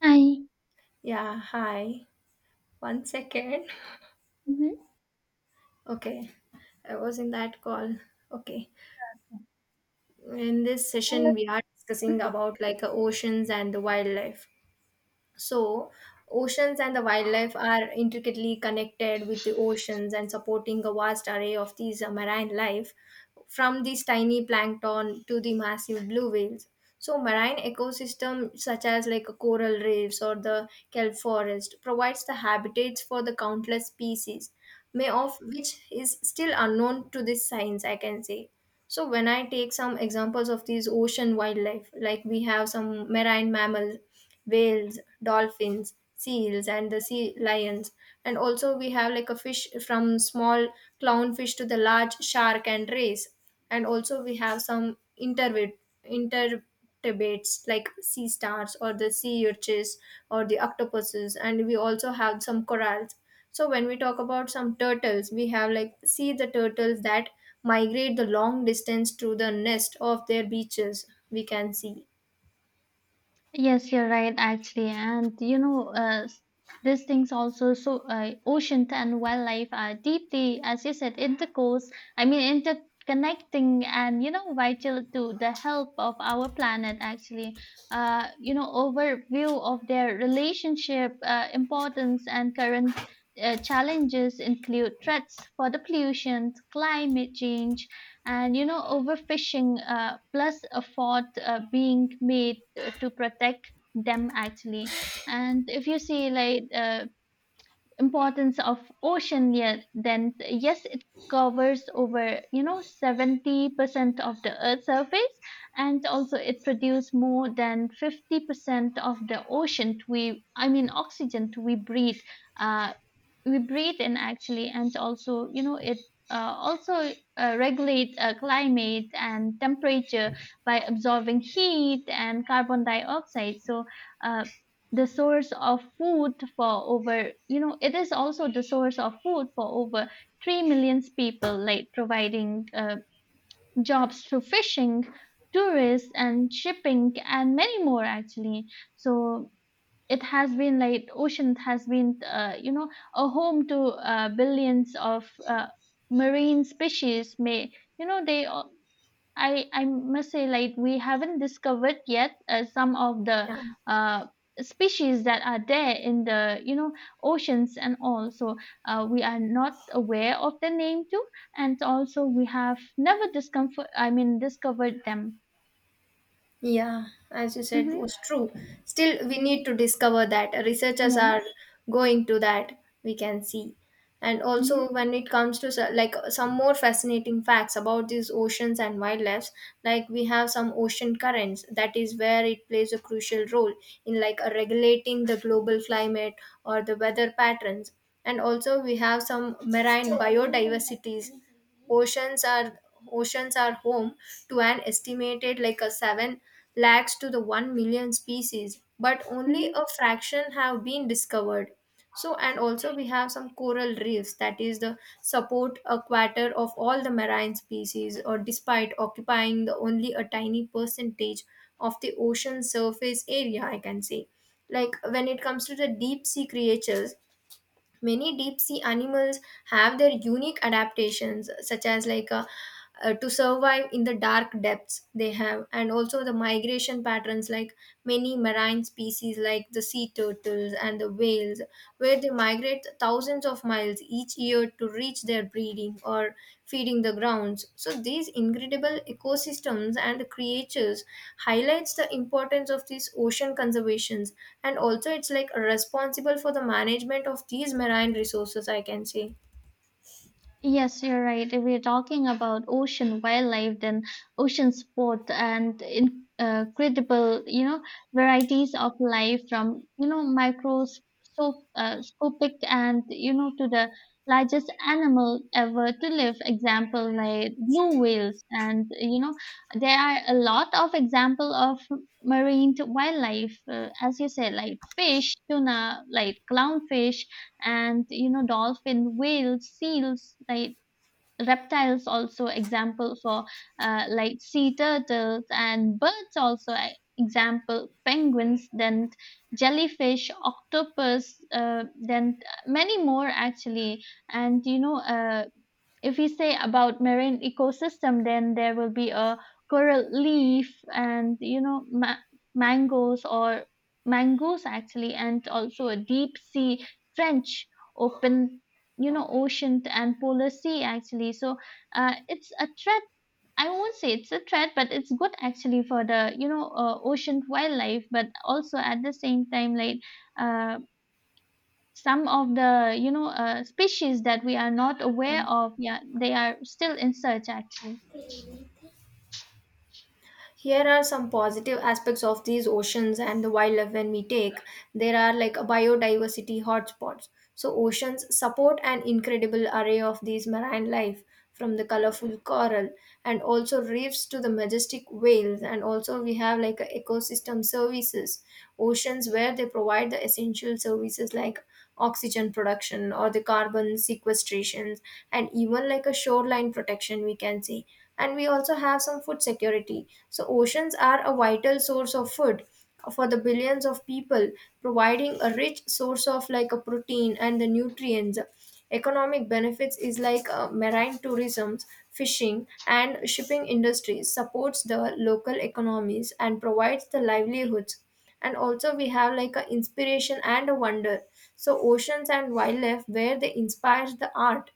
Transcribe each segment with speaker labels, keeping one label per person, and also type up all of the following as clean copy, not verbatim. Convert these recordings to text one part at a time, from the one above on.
Speaker 1: 嗨，
Speaker 2: Yeah, hi. One second.
Speaker 1: 嗯哼，
Speaker 2: Okay, I was in that call. Okay. In this
Speaker 1: 咱们
Speaker 2: session, we are discussing
Speaker 1: 嗯
Speaker 2: about like oceans and the wildlife. So, oceans and the wildlife are intricately connected with the oceans and supporting a vast array of these marine life, from these tiny plankton to the massive blue whales. So, marine ecosystem such as like a coral reefs or the kelp forest provides the habitats for the countless species, may of which is still unknown to this science, I can say. So when I take some examples of these ocean wildlife, like we have some marine mammals, whales, dolphins, seals, and the sea lions, and also we have like a fish from small clownfish to the large shark and rays, and also we have some intervid intervertebrates like sea stars or the sea urchins or the octopuses, and we also have some corals. So when we talk about some turtles, we have like see the turtles that migrate the long distance to the nest of their beaches we can see.
Speaker 1: Yes, you're right, actually. And these things also. So ocean and wildlife are deeply, as you said, intercourse, I mean, interconnecting and vital to the health of our planet, actually. Overview of their relationship, importance, and current challenges include threats for the pollution, climate change, and overfishing, plus effort being made to protect them, actually. And if you see, like, importance of ocean, yeah, then yes, it covers over 70% of the earth surface, and also it produces more than 50% of the ocean we I mean oxygen uh, we breathe in, actually. And also it, also regulate, climate and temperature by absorbing heat and carbon dioxide. So uh, the source of food for over, it is also the source of food for over 3 million people, like providing, jobs through fishing, tourists, and shipping, and many more, actually. So it has been, like, ocean has been a home to billions of marine species. May, you know they al- I must say, like, we haven't discovered yet, some of the
Speaker 2: Yeah.
Speaker 1: uh, species that are there in the, oceans and all. So we are not aware of the name too, and also we have never discomfort I mean discovered them.
Speaker 2: Yeah, as you said,
Speaker 1: Mm-hmm.
Speaker 2: was true. Still, we
Speaker 1: Mm-hmm.
Speaker 2: need to discover that researchers
Speaker 1: Yeah.
Speaker 2: are going to that, we can see. And also,
Speaker 1: Mm-hmm.
Speaker 2: when it comes to like some more fascinating facts about these oceans and wildlife, like we have some ocean currents, that is where it plays a crucial role in like regulating the global climate or the weather patterns. And also, we have some marine biodiversities. Oceans are oceans are home to an estimated like a 7 lakhs to the 1 million species, but only
Speaker 1: Mm-hmm.
Speaker 2: a fraction have been discovered. So and also we have some coral reefs, that is the support a quarter of all the marine species or despite occupying the only a tiny percentage of the ocean surface area, I can say. Like when it comes to the deep sea creatures, many deep sea animals have their unique adaptations, such as like a to survive in the dark depths they have, and also the migration patterns like many marine species like the sea turtles and the whales, where they migrate thousands of miles each year to reach their breeding or feeding the grounds. So these incredible ecosystems and creatures highlights the importance of these ocean conservations, and also it's like responsible for the management of these marine resources, I can say.
Speaker 1: Yes, you're right. If we're talking about ocean wildlife, then ocean sport, and incredible, varieties of life from, microscopic, and, to the largest animal ever to live. Example, like blue whales. And, there are a lot of example of marine wildlife, as you said, like fish, tuna, like clownfish, and dolphin, whales, seals, like reptiles, also example for, like sea turtles, and birds, also, example penguins, then jellyfish, octopus, then many more, actually. And if we say about marine ecosystem, then there will be a coral leaf, and mangoes, or mangoes, actually. And also a deep sea trench, open, ocean and polar sea, actually. So it's a threat. I won't say it's a threat, but it's good, actually, for the, ocean wildlife, but also at the same time, like, uh, some of the species that we are not
Speaker 2: Yeah.
Speaker 1: aware of, yeah, they are still in search, actually.
Speaker 2: Here are some positive aspects of these oceans and the wildlife when we take. There are like biodiversity hotspots. So oceans support an incredible array of these marine life from the colorful coral and also reefs to the majestic whales, and also we have like a ecosystem services, oceans where they provide the essential services like oxygen production or the carbon sequestrations, and even like a shoreline protection we can say. And we also have some food security, so oceans are a vital source of food for the billions of people, providing a rich source of like a protein and the nutrients. Economic benefits is like marine tourism, fishing and shipping industries supports the local economies and provides the livelihoods. And also we have like a inspiration and a wonder, so oceans and wildlife where they inspires the art,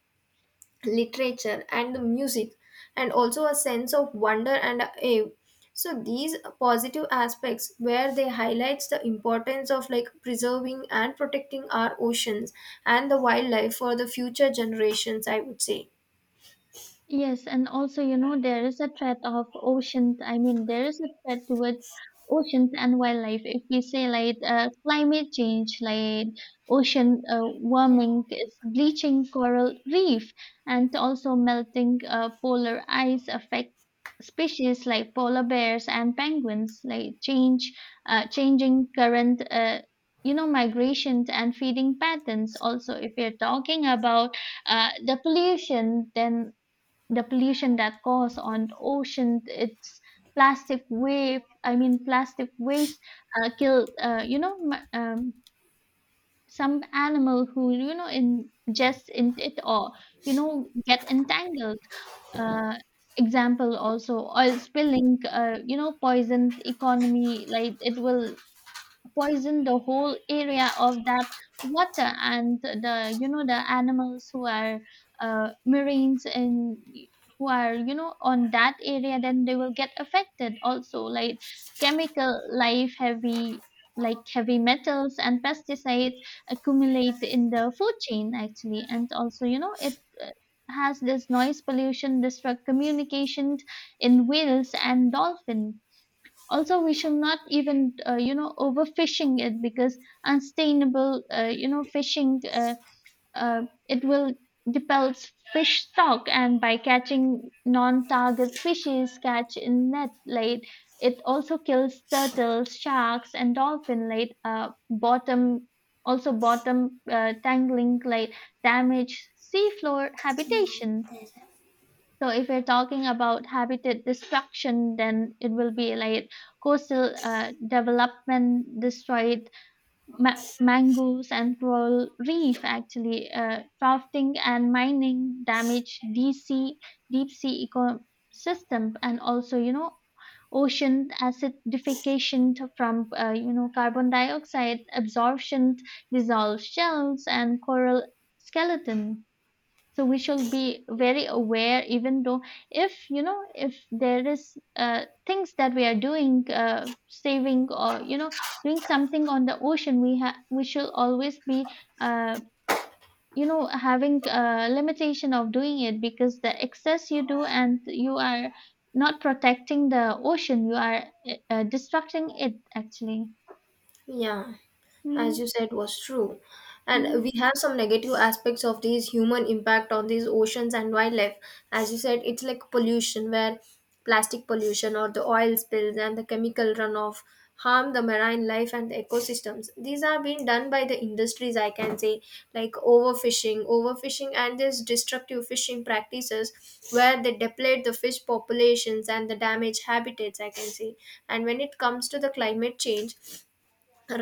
Speaker 2: literature and the music, and also a sense of wonder and awe. So these positive aspects where they highlights the importance of like preserving and protecting our oceans and the wildlife for the future generations, I would say.
Speaker 1: Yes, and also, there is a threat of oceans. I mean, there is a threat towards oceans and wildlife. If we say, like, climate change, like ocean, warming is bleaching coral reef, and also melting, polar ice affect species like polar bears and penguins. Like changing current, migrations and feeding patterns. Also, if we are talking about, the pollution, then the pollution that caused on ocean, it's plastic wave I mean plastic waste, killed, some animal who, ingest in it, or get entangled, uh, example also oil spilling, poisoned economy, like it will poisoned the whole area of that water. And the you know the animals who are, marines, and who are on that area, then they will get affected. Also, like chemical life heavy, like heavy metals and pesticides accumulate in the food chain, actually. And also it, uh, has this noise pollution disrupt communication in whales and dolphin. Also, we should not even, overfishing it, because unsustainable, fishing, uh, it will depels fish stock, and by catching non-target species catch in net late. It also kills turtles, sharks, and dolphin late. Bottom, also bottom tangling late, damage seafloor habitation. So if we're talking about habitat destruction, then it will be like coastal, development destroyed, mangroves and coral reef. Actually, drafting and mining damage deep sea ecosystem. And also ocean acidification from, carbon dioxide absorption dissolves shells and coral skeleton. So we should be very aware, even though if you know if there is, things that we are doing, saving, or doing something on the ocean, we should always be, uh, having a limitation of doing it, because the excess you do and you are not protecting the ocean, you are, destructing it, actually.
Speaker 2: Yeah, as you
Speaker 1: Hmm.
Speaker 2: said, was true. And we have some negative aspects of these human impact on these oceans and wildlife. As you said, it's like pollution, where plastic pollution or the oil spills and the chemical runoff harm the marine life and the ecosystems. These are being done by the industries, I can say, like overfishing, and these destructive fishing practices where they deplete the fish populations and the damage habitats, I can say. And when it comes to the climate change,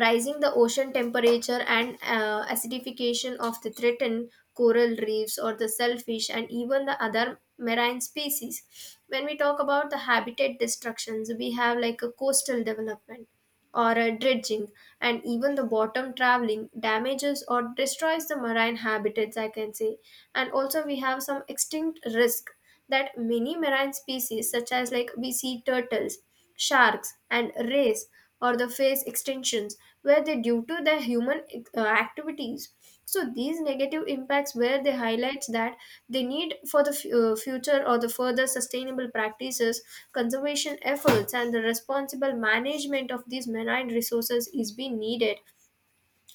Speaker 2: rising the ocean temperature and acidification of the threatened coral reefs or the shellfish and even the other marine species. When we talk about the habitat destructions, we have like a coastal development or a dredging, and even the bottom traveling damages or destroys the marine habitats, I can say. And also we have some extinct risk that many marine species such as like we see turtles, sharks and rays or the face extinction infections, were they due to the human activities. So these negative impacts where they highlights that they need for the future or the further sustainable practices, conservation efforts and the responsible management of these marine resources is being needed.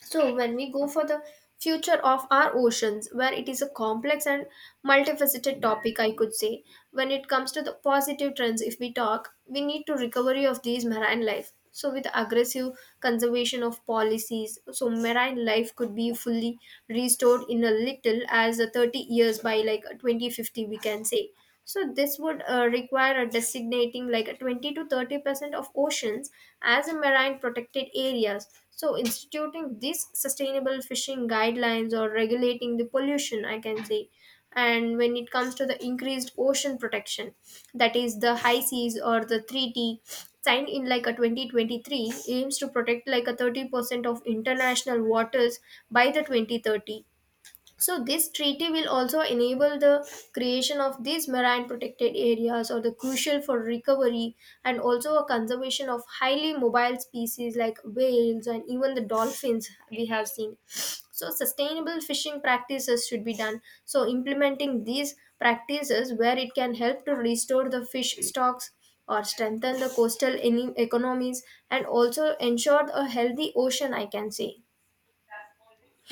Speaker 2: So, when we go for the future of our oceans, where it is a complex and multifaceted topic, I could say, when it comes to the positive trends, if we talk, we need to recovery of these marine life. So, with aggressive conservation of policies, so marine life could be fully restored in a little as a 30 years by like 2050, we can say. So this would require a designating like a 20 to 30% of oceans as a marine protected areas. So instituting these sustainable fishing guidelines or regulating the pollution, I can say. And when it comes to the increased ocean protection, that is the high seas or the 3T signed in like a 2023 aims to protect like a 30% of international waters by the 2030. So this treaty will also enable the creation of these marine protected areas or the crucial for recovery, and also a conservation of highly mobile species like whales and even the dolphins we have seen. So sustainable fishing practices should be done. So implementing these practices where it can help to restore the fish stocks or strengthen the coastal economies, and also ensure a healthy ocean, I can say.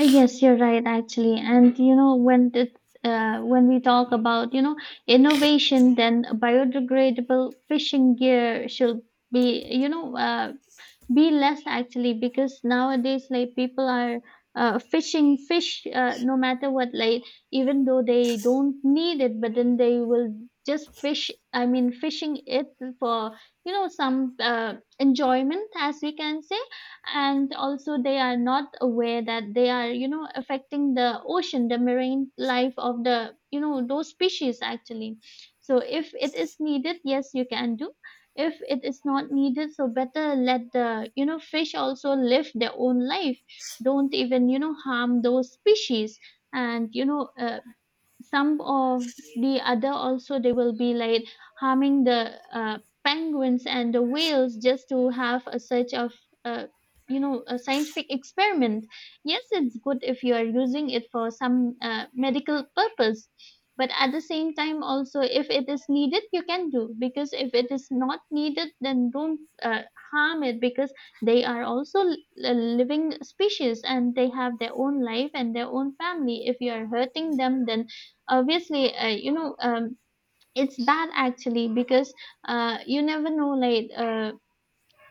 Speaker 1: Yes, you're right, actually. And, when we talk about innovation, then biodegradable fishing gear should be you know be less, actually, because nowadays like people are, fishing fish, no matter what, like even though they don't need it, but then they will just fish. I mean, fishing it for some, enjoyment, as we can say. And also they are not aware that they are affecting the ocean, the marine life of the those species, actually. So if it is needed, yes, you can do. If it is not needed, so better let the fish also live their own life. Don't even harm those species. And some of the other also, they will be like harming the, penguins and the whales, just to have a such of, uh, a scientific experiment. Yes, it's good if you are using it for some, medical purpose. But at the same time also, if it is needed, you can do, because if it is not needed, then don't, harm it, because they are also a living species, and they have their own life and their own family. If you are hurting them, then obviously, it's bad, actually, because, you never know, like,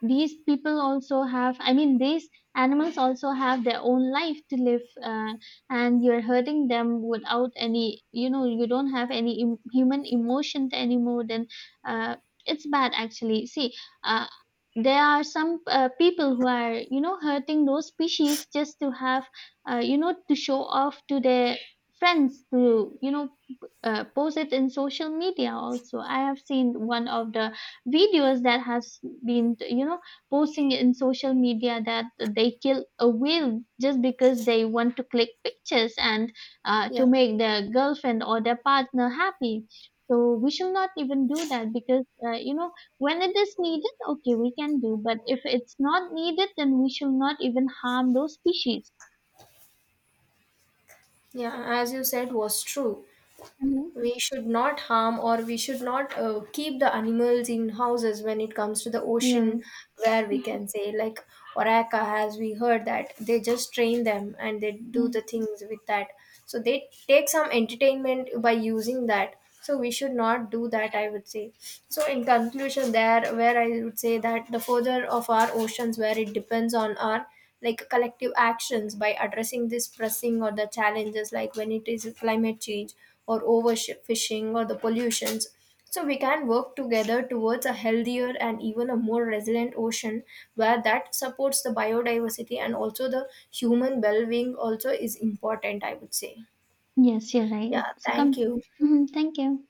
Speaker 1: these people also have I mean these animals also have their own life to live, and you're hurting them without any, you don't have any human emotion anymore. Then, uh, it's bad, actually. See, uh, there are some, people who are hurting those species, just to have, to show off to their friends, to, post it in social media. Also, I have seen one of the videos that has been, posting in social media, that they kill a whale just because they want to click pictures and, to
Speaker 2: Yeah.
Speaker 1: make their girlfriend or their partner happy. So we should not even do that, because, when it is needed, okay, we can do. But if it's not needed, then we should not even harm those species.
Speaker 2: Yeah, as you said was true.
Speaker 1: Mhm.
Speaker 2: We should not harm or we should not keep the animals in houses when it comes to the ocean,
Speaker 1: Yeah.
Speaker 2: where we
Speaker 1: Mhm.
Speaker 2: can say like orca, as we heard that they just train them and they do
Speaker 1: Yeah.
Speaker 2: the things with that. So they take some entertainment by using that, so we should not do that, I would say. So in conclusion, there where I would say that the further of our oceans where it depends on our like collective actions by addressing this pressing or the challenges like when it is climate change or overfishing or the pollutions. So we can work together towards a healthier and even a more resilient ocean where that supports the biodiversity and also the human well-being also is important, I would say.
Speaker 1: Yes, you're right.
Speaker 2: Yeah,
Speaker 1: So
Speaker 2: thank
Speaker 1: come.
Speaker 2: you.
Speaker 1: Mhm, thank you.